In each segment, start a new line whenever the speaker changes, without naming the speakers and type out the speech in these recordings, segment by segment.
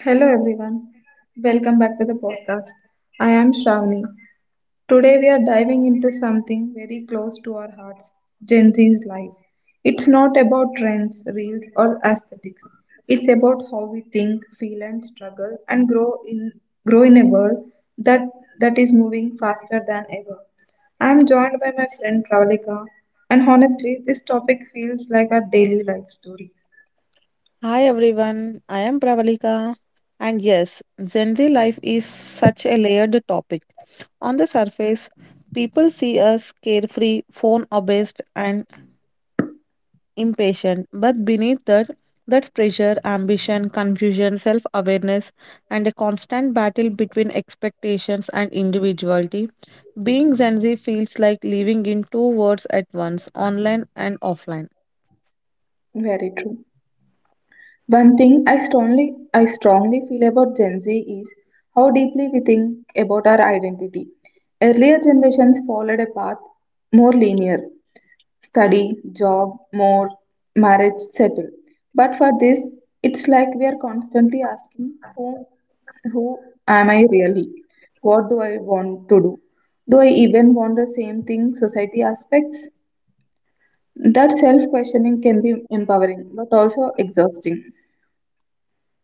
Hello everyone, welcome back to the podcast. I am Shravani. Today we are diving into something very close to our hearts Gen Z's life. It's not about trends, reels, or aesthetics. It's about how we think, feel, and struggle, and grow in a world that that is moving faster than ever. I am joined by my friend Pravalika, and honestly, this topic feels like our daily life story.
Hi everyone, I am Pravalika. And yes, Gen Z life is such a layered topic. On the surface, people see us carefree, phone obsessed, and impatient. But beneath that, that's pressure, ambition, confusion, self awareness, and a constant battle between expectations and individuality. Being Gen Z feels like living in two worlds at once, online and offline.
Very true. One thing I strongly feel about Gen Z is how deeply we think about our identity. Earlier generations followed a path more linear study, job, more, marriage, settle. But for this, it's like we are constantly asking who am I really? What do I want to do? Do I even want the same thing society aspects? That self questioning can be empowering but also exhausting.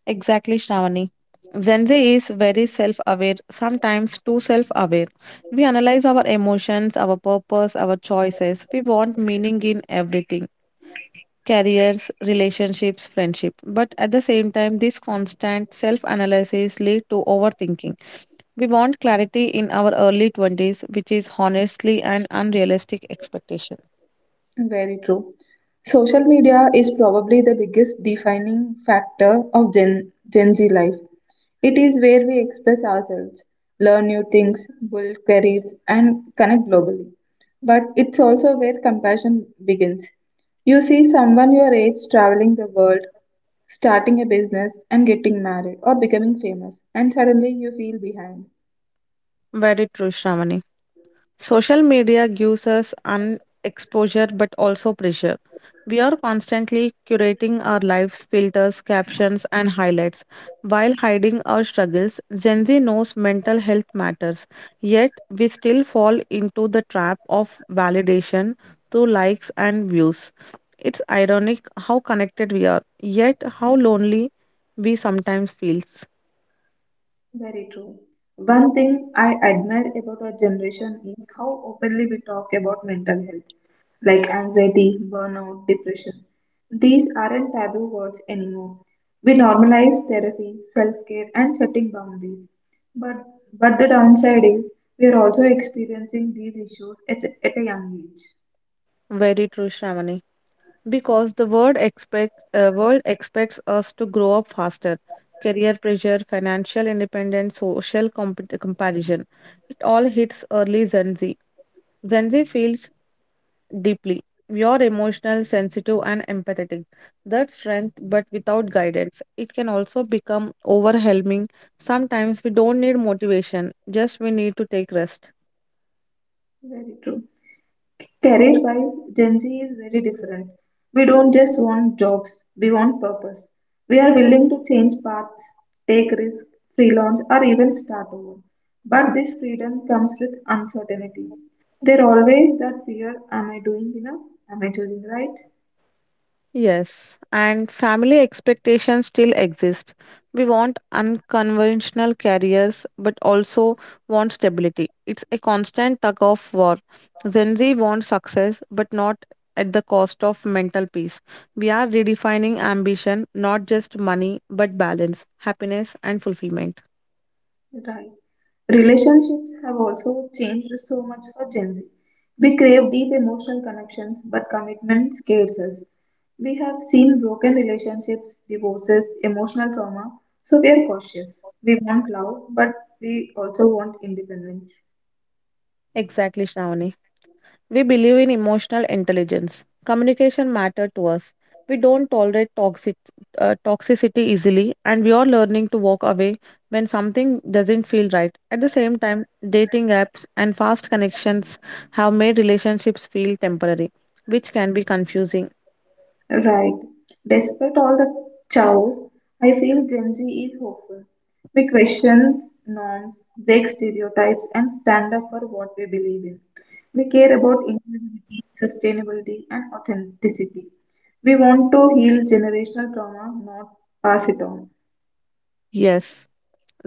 Exactly, Shravani. Gen Z is very self aware, sometimes too self aware. We analyze our emotions, our purpose, our choices. We want meaning in everything: careers, relationships, friendship. But at the same time, this constant self analysis leads to overthinking. We want clarity in our early 20s, which is honestly an unrealistic expectation.
Very true. Social media is probably the biggest defining factor of Gen Z life. It is where we express ourselves, learn new things, build careers, and connect globally. But it's also where compassion begins. You see someone your age traveling the world, starting a business, and getting married or becoming famous, and suddenly you feel behind.
Very true, Shravani. Social media gives us an exposure but also pressure. We are constantly curating our lives, filters, captions, and highlights while hiding our struggles. Gen Z knows mental health matters, yet we still fall into the trap of validation through likes and views. It's ironic how connected we are, yet how lonely we sometimes feel.
Very true. One thing I admire about our generation is how openly we talk about mental health, like anxiety, burnout, depression. These aren't taboo words anymore. We normalize therapy, self-care, and setting boundaries. But but the downside is we are also experiencing these issues at a young age.
Very true, Shravani. Because the world expects us to grow up faster. Career pressure, financial independence, social compet comparison, it all hits early. Gen Z feels deeply. We are emotional, sensitive, and empathetic. That's strength, but without guidance it can also become overwhelming. Sometimes we don't need motivation, just we need to take rest.
Very true. Career wise, Gen Z is very different. We don't just want jobs, we want purpose. We are willing to change paths, take risks, freelance, or even start over. But this freedom comes with uncertainty. There always that fear am I doing enough? Am I choosing right?
Yes, and family expectations still exist. We want unconventional careers, but also want stability. It's a constant tug of war. Gen Z wants success, but not at the cost of mental peace. We are redefining ambition, not just money, but balance, happiness, and fulfillment.
Right. Relationships have also changed so much for Gen Z. We crave deep emotional connections, but commitment scares us. We have seen broken relationships, divorces, emotional trauma, so we are cautious. We want love, but we also want independence.
Exactly, Shravani. We believe in emotional intelligence. Communication matters to us. We don't tolerate toxicity easily, and we are learning to walk away when something doesn't feel right. At the same time, dating apps and fast connections have made relationships feel temporary, which can be confusing.
Right. Despite all the chaos, I feel Gen Z is hopeful. We question norms, break stereotypes, and stand up for what we believe in. We care about inclusivity, sustainability, and authenticity. We want to heal generational trauma, not pass it on.
Yes.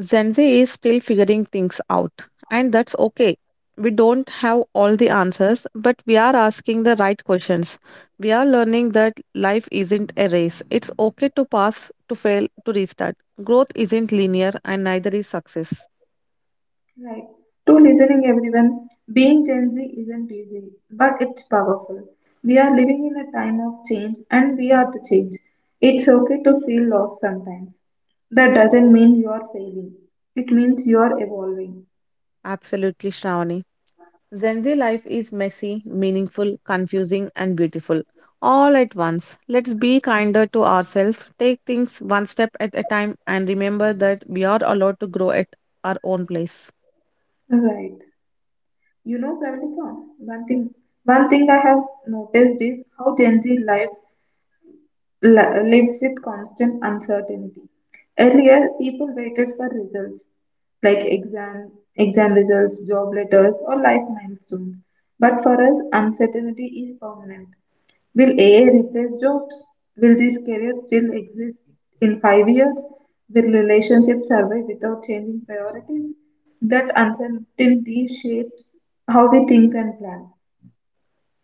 Gen Z is still figuring things out, and that's okay. We don't have all the answers, but we are asking the right questions. We are learning that life isn't a race. It's okay to pass, to fail, to restart. Growth isn't linear, and neither is success.
Right. To listening everyone, being Gen Z isn't easy, but it's powerful. We are living in a time of change and we are the change. It's okay to feel lost sometimes. That doesn't mean you are failing. It means you are evolving.
Absolutely, Shravani. Gen Z life is messy, meaningful, confusing, and beautiful. All at once. Let's be kinder to ourselves, take things one step at a time, and remember that we are allowed to grow at our own place.
Right. You know, Pravalika, one thing I have noticed is how Gen Z lives lives with constant uncertainty. Earlier, people waited for results like exam results, job letters, or life milestones. But for us, uncertainty is permanent. Will AI replace jobs? Will this career still exist in 5 years? Will relationships survive without changing priorities? That uncertainty shapes how we think and plan.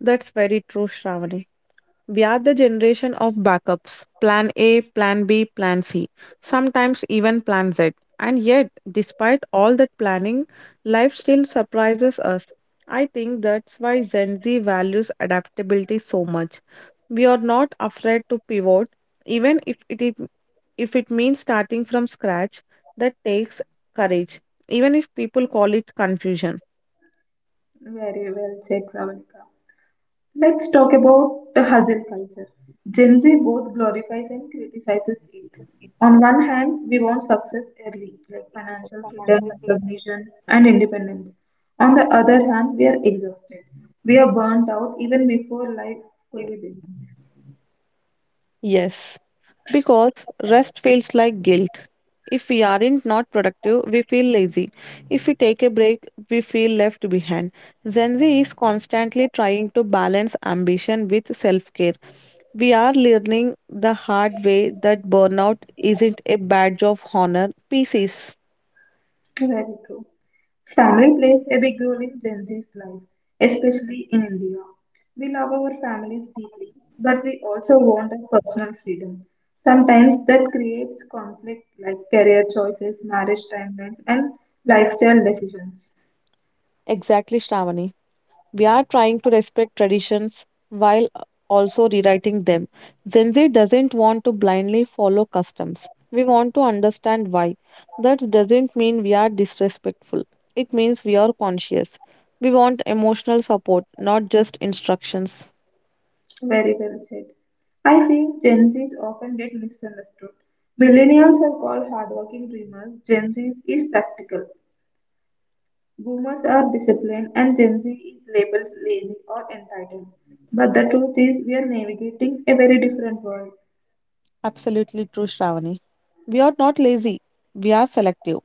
That's very true, Shravani. We are the generation of backups: plan A, plan B, plan C, sometimes even plan Z. And yet, despite all that planning, life still surprises us. I think that's why Gen Z values adaptability so much. We are not afraid to pivot, even if it means starting from scratch. That takes courage, even if people call it confusion.
Very well said, Ravalika. Let's talk about the hustle culture. Gen Z both glorifies and criticizes it. On one hand, we want success early, like financial freedom, recognition, and independence. On the other hand, we are exhausted. We are burnt out even before life fully begins.
Yes, because rest feels like guilt. If we aren't not productive, we feel lazy. If we take a break, we feel left behind. Gen Z is constantly trying to balance ambition with self care. We are learning the hard way that burnout isn't a badge of honor. Pieces.
Very true. Family plays a big role in Gen Z's life, especially in India. We love our families deeply, but we also want our personal freedom. Sometimes that creates conflict like career choices, marriage timelines, and lifestyle decisions.
Exactly, Shravani. We are trying to respect traditions while also rewriting them. Gen Z doesn't want to blindly follow customs. We want to understand why. That doesn't mean we are disrespectful. It means we are conscious. We want emotional support, not just instructions.
Very well said. I feel Gen Zs often get misunderstood. Millennials are called hardworking dreamers, Gen Zs is practical. Boomers are disciplined and Gen Z is labeled lazy or entitled. But the truth is, we are navigating a very different world.
Absolutely true, Shravani. We are not lazy, we are selective.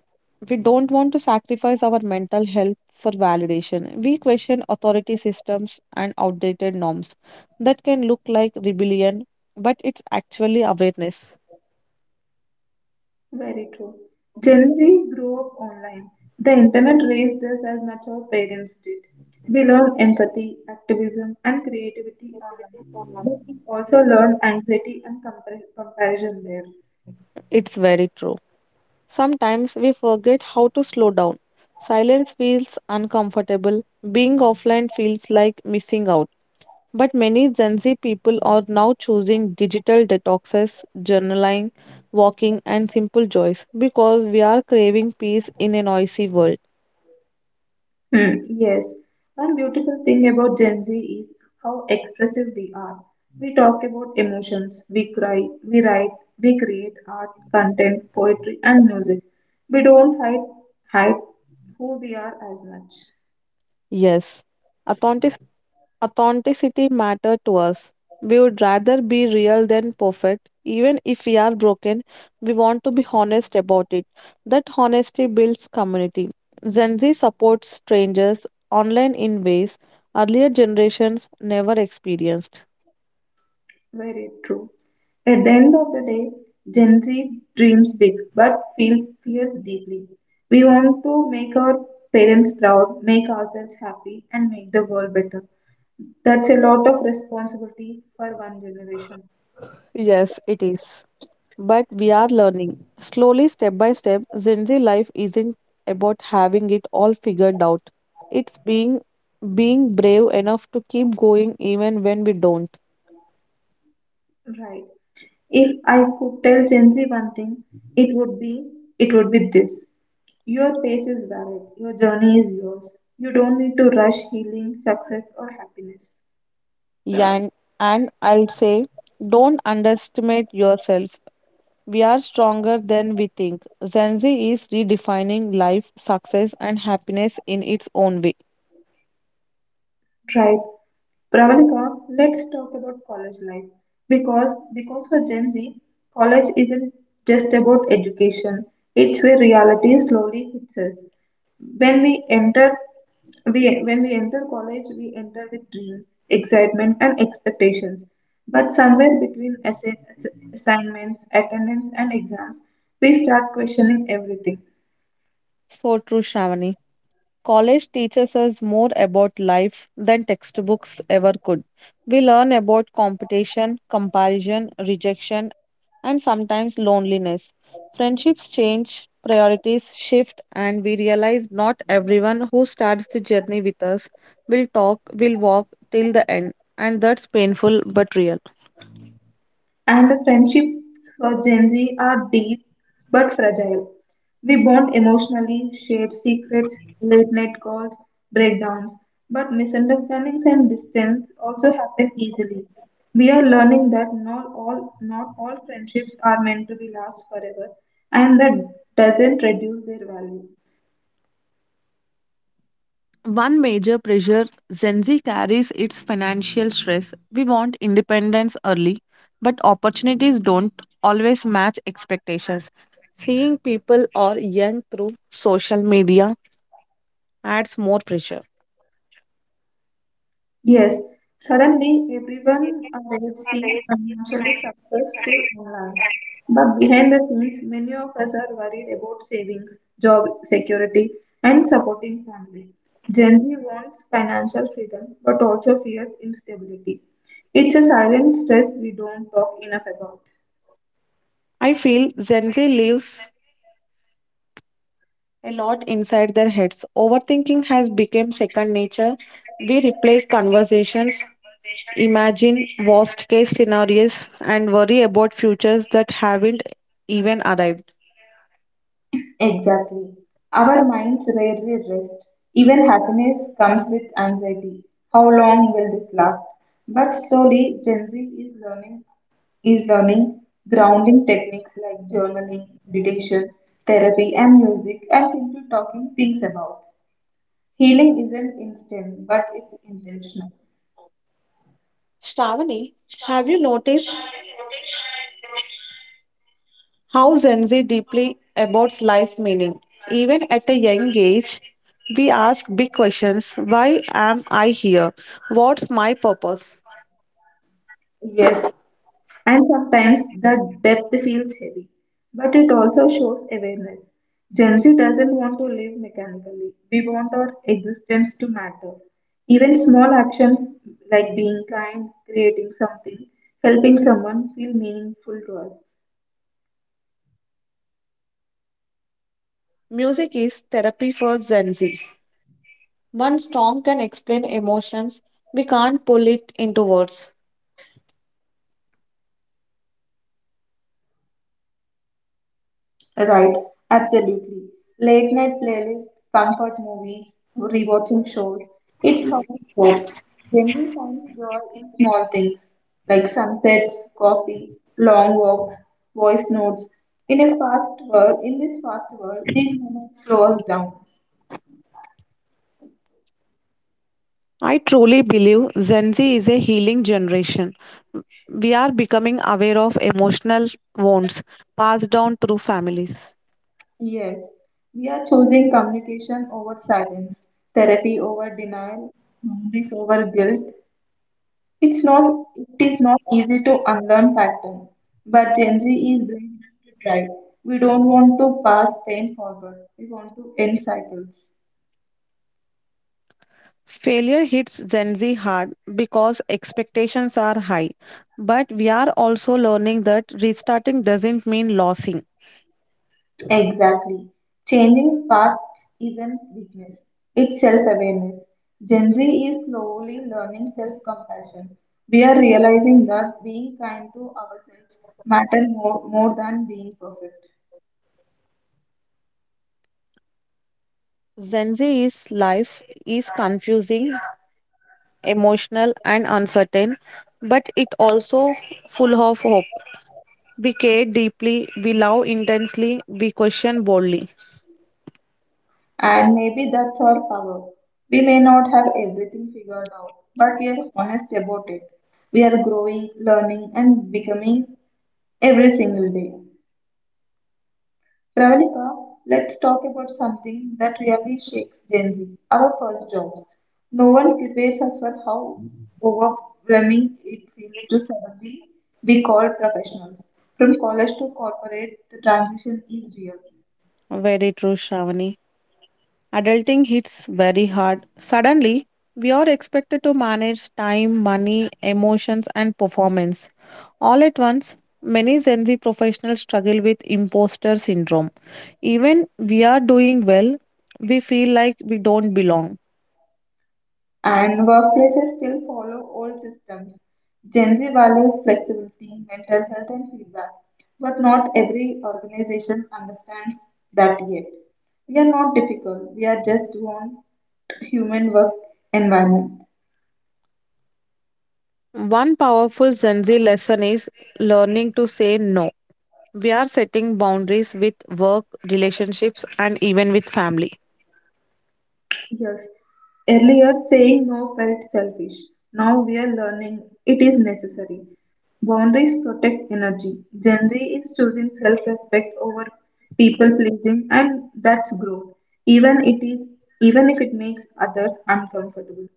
We don't want to sacrifice our mental health for validation. We question authority systems and outdated norms that can look like rebellion, but it's actually awareness.
Very true. Gen Z grew up online. The internet raised us as much our parents did. We learned empathy, activism, and creativity online, but we also learned anxiety and comparison there.
It's very true. Sometimes we forget how to slow down. Silence feels uncomfortable. Being offline feels like missing out. But many Gen Z people are now choosing digital detoxes, journaling, walking, and simple joys because we are craving peace in a noisy world.
Hmm, yes. One beautiful thing about Gen Z is how expressive we are. We talk about emotions, we cry, we write, we create art, content, poetry, and music. We don't hide who we are as much.
Yes, authentic- authenticity matters to us. We would rather be real than perfect. Even if we are broken, we want to be honest about it. That honesty builds community. Gen Z supports strangers online in ways earlier generations never experienced.
Very true. At the end of the day, Gen Z dreams big but feels fears deeply. We want to make our parents proud, make ourselves happy, and make the world better. That's a lot of responsibility for one generation.
Yes, it is. But we are learning. Slowly, step by step, Gen Z life isn't about having it all figured out. It's being brave enough to keep going even when we don't.
Right. If I could tell Gen Z one thing, it would be it would be this. Your pace is valid. Your journey is yours. You don't need to rush healing, success or happiness.
Yeah, and I'll say don't underestimate yourself. We are stronger than we think. Gen Z is redefining life, success, and happiness in its own way.
Right. Pravalika, let's talk about college life because for Gen Z, college isn't just about education. It's where reality slowly hits us. When we enter when we enter college, we enter with dreams, excitement, and expectations. But somewhere between assignments, attendance, and exams, we start questioning everything.
So true, Shravani. College teaches us more about life than textbooks ever could. We learn about competition, comparison, rejection, and sometimes loneliness. Friendships change, priorities shift, and we realize not everyone who starts the journey with us will walk till the end. And that's painful but real.
And the friendships for Gen Z are deep but fragile. We bond emotionally, share secrets, late night calls, breakdowns, but misunderstandings and distance also happen easily. We are learning that not all friendships are meant to be last forever, and that doesn't reduce their value.
One major pressure Gen Z carries its financial stress. We want independence early, but opportunities don't always match expectations. Seeing people or young through social media adds more pressure.
Yes, suddenly everyone around seems financially successful online. But behind the scenes, many of us are worried about savings, job security, and supporting family. Gen Z wants financial freedom but also fears instability. It's a silent stress we don't talk enough about.
I feel Gen Z lives a lot inside their heads. Overthinking has become second nature. We replay conversations, imagine worst case scenarios, and worry about futures that haven't even arrived.
Exactly. Our minds rarely rest. Even happiness comes with anxiety. How long will this last? But slowly, Gen Z is learning grounding techniques like journaling, meditation, therapy, and music, and simply talking things about. Healing isn't instant, but it's intentional.
Shravani, have you noticed how Gen Z deeply about life meaning? Even at a young age, we ask big questions. Why am I here? What's my purpose?
Yes, and sometimes the depth feels heavy, but it also shows awareness. Gen Z doesn't want to live mechanically, we want our existence to matter. Even small actions like being kind, creating something, helping someone feel meaningful to us.
Music is therapy for Gen Z. One song can explain emotions. We can't pull it into words.
Right, absolutely. Late night playlists, comfort movies, rewatching shows. It's how we cope. Then we find joy in small things like sunsets, coffee, long walks, voice notes. In this fast world, these moments slow us down.
I truly believe Gen Z is a healing generation. We are becoming aware of emotional wounds passed down through families.
Yes, we are choosing communication over silence, therapy over denial, memories over guilt. It's not, it is not easy to unlearn patterns, but Gen Z is brave enough to try. We don't want to pass pain forward. We want to end cycles.
Failure hits Gen Z hard because expectations are high, but we are also learning that restarting doesn't mean losing.
Exactly. Changing paths isn't weakness. It's self-awareness. Gen Z is slowly learning self-compassion. We are realizing that being kind to ourselves matters more than being perfect.
Gen Z's life is confusing, emotional, and uncertain, but it also full of hope. We care deeply, we love intensely, we question boldly.
And maybe that's our power. We may not have everything figured out, but we are honest about it. We are growing, learning, and becoming every single day. Pravalika, let's talk about something that really shakes Gen Z our first jobs. No one prepares us for how overwhelming it feels to suddenly be called professionals. From college to corporate, the transition is real.
Very true, Shravani. Adulting hits very hard. Suddenly, we are expected to manage time, money, emotions, and performance. All at once, many Gen Z professionals struggle with imposter syndrome. Even we are doing well, we feel like we don't belong.
And workplaces still follow old systems. Gen Z values flexibility, mental health, and feedback, but not every organization understands that yet. We are not difficult, we are just want human work environment.
One powerful Gen Z lesson is learning to say no. We are setting boundaries with work, relationships, and even with family.
Yes. Earlier, saying no felt selfish. Now we are learning it is necessary. Boundaries protect energy. Gen Z is choosing self respect over people pleasing, and that's growth. Even it is even if it makes others uncomfortable.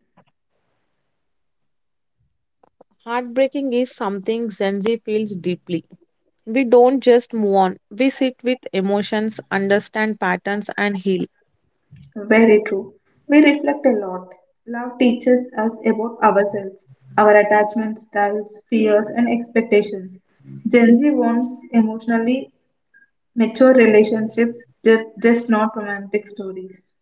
Heartbreaking is something Gen Z feels deeply. We don't just move on, we sit with emotions, understand patterns, and heal.
Very true. We reflect a lot. Love teaches us about ourselves, our attachment styles, fears, and expectations. Gen Z wants emotionally mature relationships, just not romantic stories.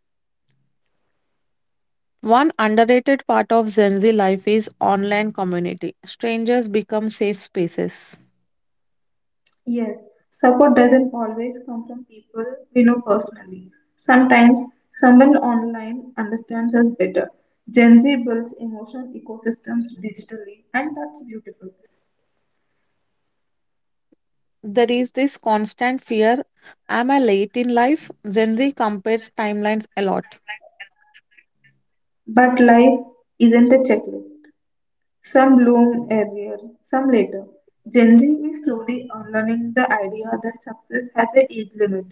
One underrated part of Gen Z life is online community. Strangers become safe spaces.
Yes, support doesn't always come from people we know personally. Sometimes someone online understands us better. Gen Z builds emotional ecosystems digitally, and that's beautiful.
There is this constant fear: Am I late in life? Gen Z compares timelines a lot.
But life isn't a checklist. Some bloom earlier, some later. Gen Z is slowly unlearning the idea that success has an age limit.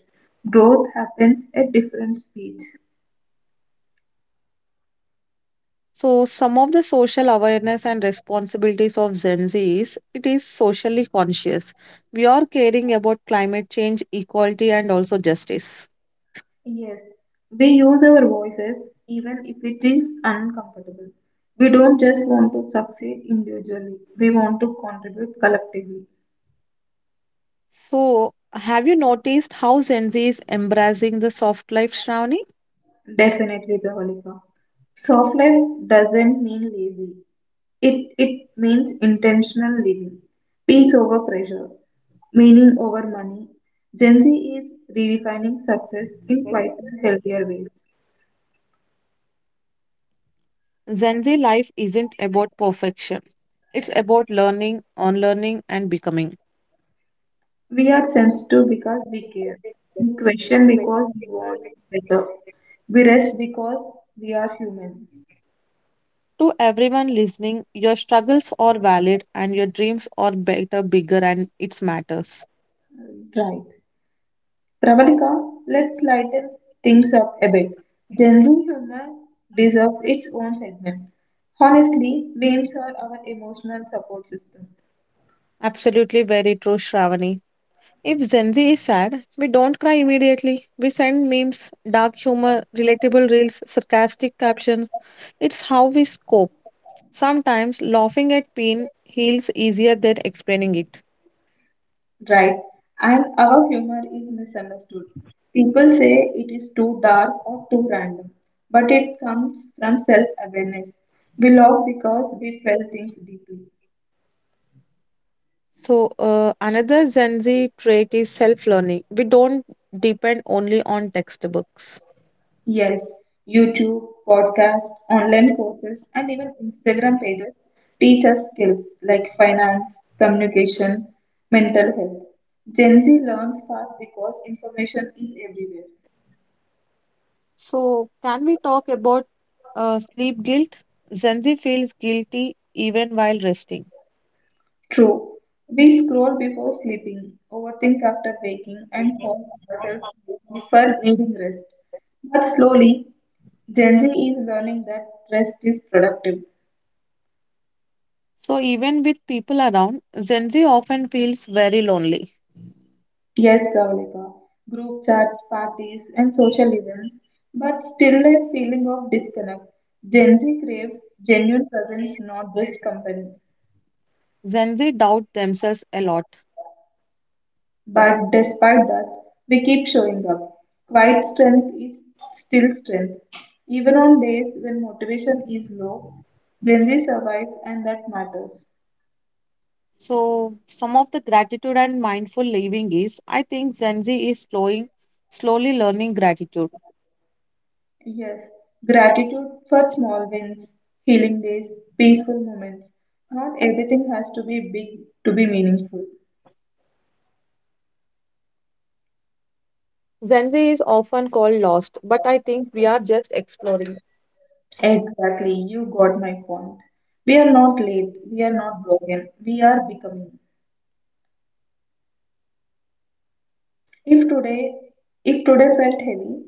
Growth happens at different speeds.
So, some of the social awareness and responsibilities of Gen Z is it is socially conscious. We are caring about climate change, equality, and also justice.
Yes, we use our voices even if it is uncomfortable. We don't just want to succeed individually, we want to contribute collectively.
So, have you noticed how Gen Z is embracing the soft life, Shravani?
Definitely, Pravalika. Soft life doesn't mean lazy, it means intentional living, peace over pressure, meaning over money. Gen Z is redefining success in quite healthier ways.
Gen Z life isn't about perfection. It's about learning, unlearning, and becoming.
We are sensitive because we care. We question because we want better. We rest because we are human.
To everyone listening, your struggles are valid and your dreams are better, bigger, and it matters.
Right. Pravalika, let's lighten things up a bit. Gen Z humor deserves its own segment. Honestly, memes are our emotional support system.
Absolutely very true, Shravani. If Gen Z is sad, we don't cry immediately. We send memes, dark humor, relatable reels, sarcastic captions. It's how we scope. Sometimes laughing at pain heals easier than explaining it.
Right. And our humor is misunderstood. People say it is too dark or too random, but it comes from self awareness. We laugh because we felt things deeply.
So, another Gen Z trait is self learning. We don't depend only on textbooks.
Yes, YouTube, podcasts, online courses, and even Instagram pages teach us skills like finance, communication, mental health. Gen Z learns fast because information is everywhere.
So, can we talk about sleep guilt? Gen Z feels guilty even while resting.
True. We scroll before sleeping, overthink after waking, and call ourselves lazy for needing rest. But slowly, Gen Z is learning that rest is productive.
So, even with people around, Gen Z often feels very lonely.
Yes, Pravalika, group chats, parties, and social events, but still a feeling of disconnect. Gen Z craves genuine presence, not just company.
Gen Z doubt themselves a lot.
But despite that, we keep showing up. Quiet strength is still strength. Even on days when motivation is low, Benzi survives and that matters.
So, some of the gratitude and mindful living is I think Gen Z is slowly learning gratitude.
Yes, gratitude for small wins, healing days, peaceful moments. Not everything has to be big to be meaningful.
Gen Z is often called lost, but I think we are just exploring.
Exactly, you got my point. We are not late, we are not broken, we are becoming. If today, if today felt heavy,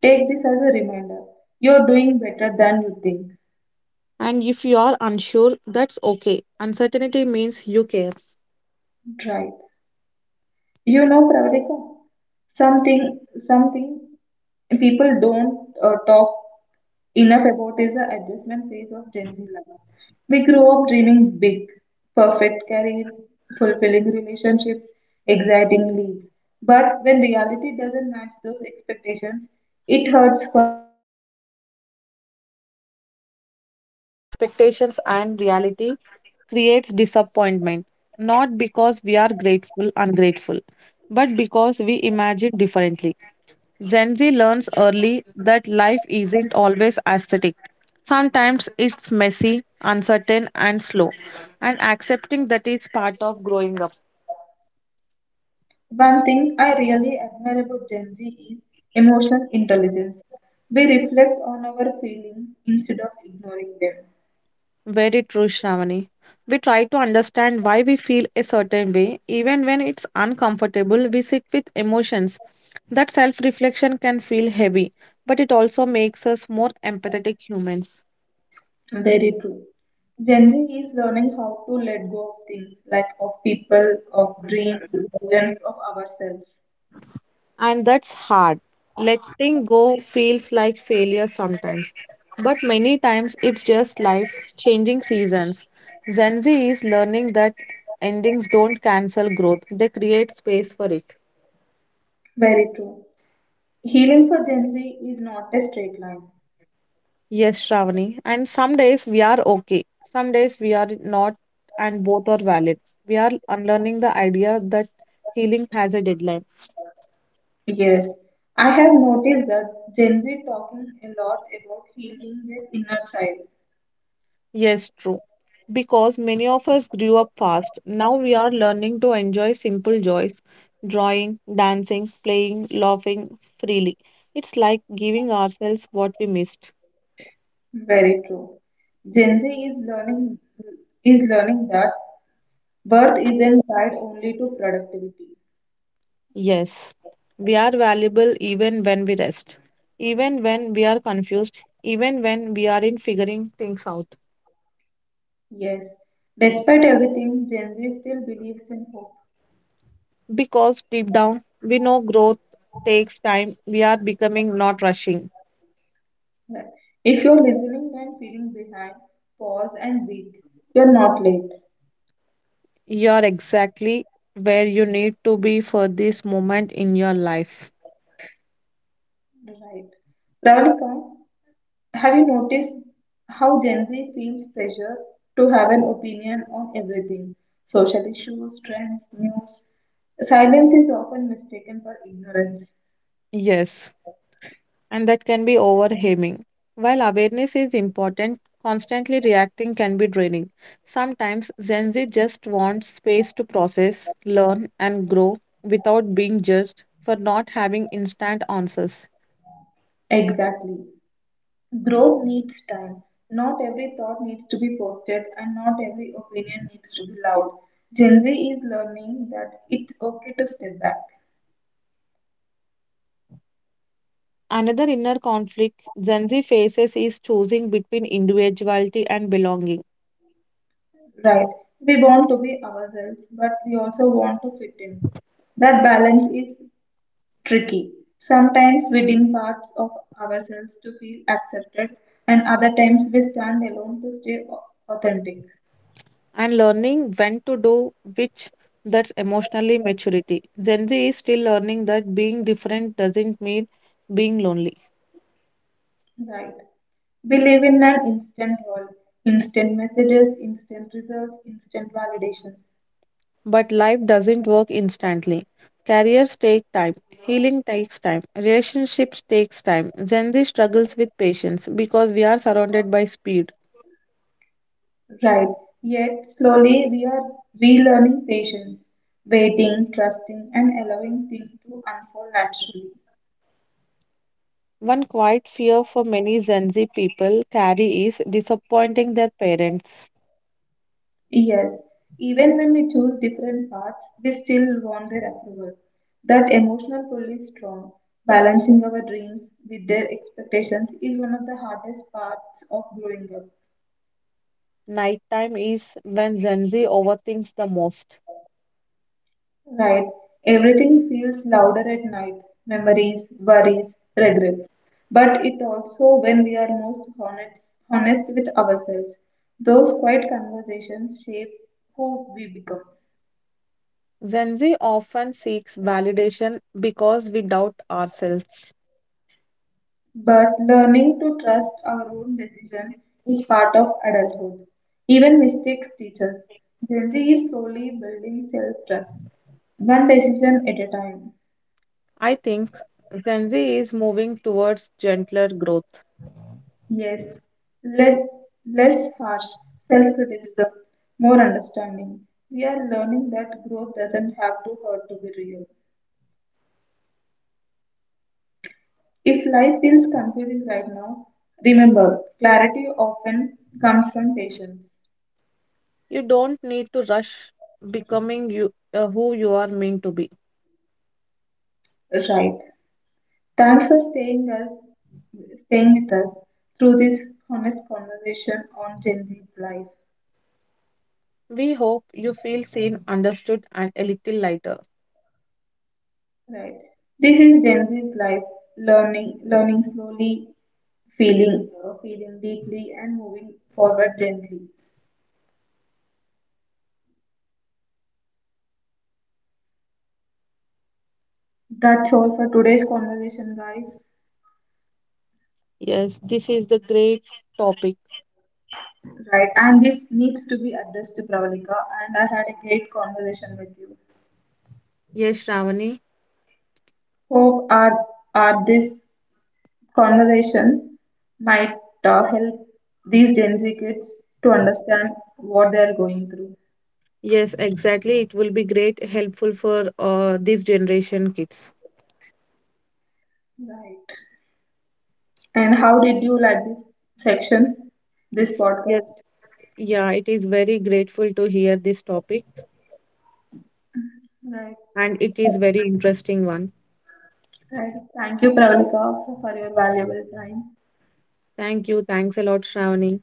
take this as a reminder. You're doing better than you think.
And if you are unsure, that's okay. Uncertainty means you care.
Right. You know, Pravalika, something people don't talk enough about is the adjustment phase of Gen Z life. We grow up dreaming big, perfect careers, fulfilling relationships, exciting leads. But when reality doesn't match those expectations, it hurts quietly.
Yes, Shravani. That gap between expectations and reality creates disappointment, not because we are grateful, ungrateful, but because we imagine differently. Gen Z learns early that life isn't always aesthetic. Sometimes it's messy, uncertain, and slow, and accepting that is part of growing up.
One thing I really admire about Gen Z is emotional intelligence. We reflect on our feelings instead of ignoring them.
Very true, Shravani. We try to understand why we feel a certain way, even when it's uncomfortable, we sit with emotions. That self reflection can feel heavy, but it also makes us more empathetic humans.
Very true. Gen Z is learning how to let go of things like of people, of dreams, visions of ourselves.
And that's hard. Letting go feels like failure sometimes, but many times it's just life changing seasons. Gen Z is learning that endings don't cancel growth, they create space for it.
Very true. Healing for Gen Z is not a straight line.
Yes, Shravani. And some days we are okay, some days we are not, and both are valid. We are unlearning the idea that healing has a deadline.
Yes, I have noticed that Gen Z talking a lot about healing their inner child.
Yes, true. Because many of us grew up fast. Now we are learning to enjoy simple joys: drawing, dancing, playing, laughing freely. It's like giving ourselves what we missed.
Very true. Gen Z is learning that birth isn't tied only to productivity.
Yes, we are valuable even when we rest, even when we are confused, even when we are in figuring things out.
Yes, despite everything, Gen Z still believes in hope.
Because deep down, we know growth takes time. We are becoming, not rushing.
Like, if you're listening and feeling behind, pause and breathe. You're not late.
You're exactly where you need to be for this moment in your life.
Right. Ravalika, have you noticed how Gen Z feels pressure to have an opinion on everything? Social issues, trends, news. Silence is often mistaken for ignorance.
Yes, and that can be overwhelming. While awareness is important, constantly reacting can be draining. Sometimes Gen Z just wants space to process, learn, and grow without being judged for not having instant answers.
Exactly. Growth needs time. Not every thought needs to be posted and not every opinion needs to be loud. Gen Z is learning that it's okay to step back.
Another inner conflict Gen Z faces is choosing between individuality and belonging.
Right. We want to be ourselves, but we also want to fit in. That balance is tricky. Sometimes we dim parts of ourselves to feel accepted, and other times we stand alone to stay authentic.
And learning when to do which, that's emotionally maturity. Gen Z is still learning that being different doesn't mean being lonely.
Right. We live in an instant world. Instant messages, instant results, instant validation.
But life doesn't work instantly. Careers take time, healing takes time, relationships takes time. Gen Z struggles with patience because we are surrounded by speed.
Right. Yet slowly we are relearning patience, waiting, trusting, and allowing things to unfold naturally.
One quiet fear for many Gen Z people carry is disappointing their parents.
Yes. Even when we choose different paths, we still want their approval. That emotional pull is strong. Balancing our dreams with their expectations is one of the hardest parts of growing up.
Nighttime is when Gen Z overthinks the most.
Right. Everything feels louder at night: memories, worries, regrets. But it also when we are most honest with ourselves. Those quiet conversations shape who we become.
Gen Z often seeks validation because we doubt ourselves.
But learning to trust our own decision is part of adulthood. Even mistakes teach us. Gen Z is slowly building self trust, one decision at a time.
I think Gen Z is moving towards gentler growth.
Yes, less less harsh self-criticism, more understanding. We are learning that growth doesn't have to hurt to be real. If life feels confusing right now, remember clarity often comes from patience.
You don't need to rush becoming who you are meant to be.
Right. Thanks for staying with us through this honest conversation on Gen Z's life.
We hope you feel seen, understood, and a little lighter.
Right. This is Gen Z's life, learning slowly, feeling feeling deeply, and moving forward gently. That's all for today's conversation, guys.
Yes, this is the great topic.
Right. And this needs to be addressed to Pravalika, and I had a great conversation with you.
Yes, Shravani.
Hope our this conversation might help these Gen Z kids to understand what they're going through.
Yes, exactly. It will be great, helpful for this generation kids.
Right. And how did you like this section, this
Yes.
podcast?
Yeah, it is very grateful to hear this topic.
Right.
And it is very interesting one.
Right, thank you Pravalika for your valuable time.
Thank you. Thanks a lot, Shravani.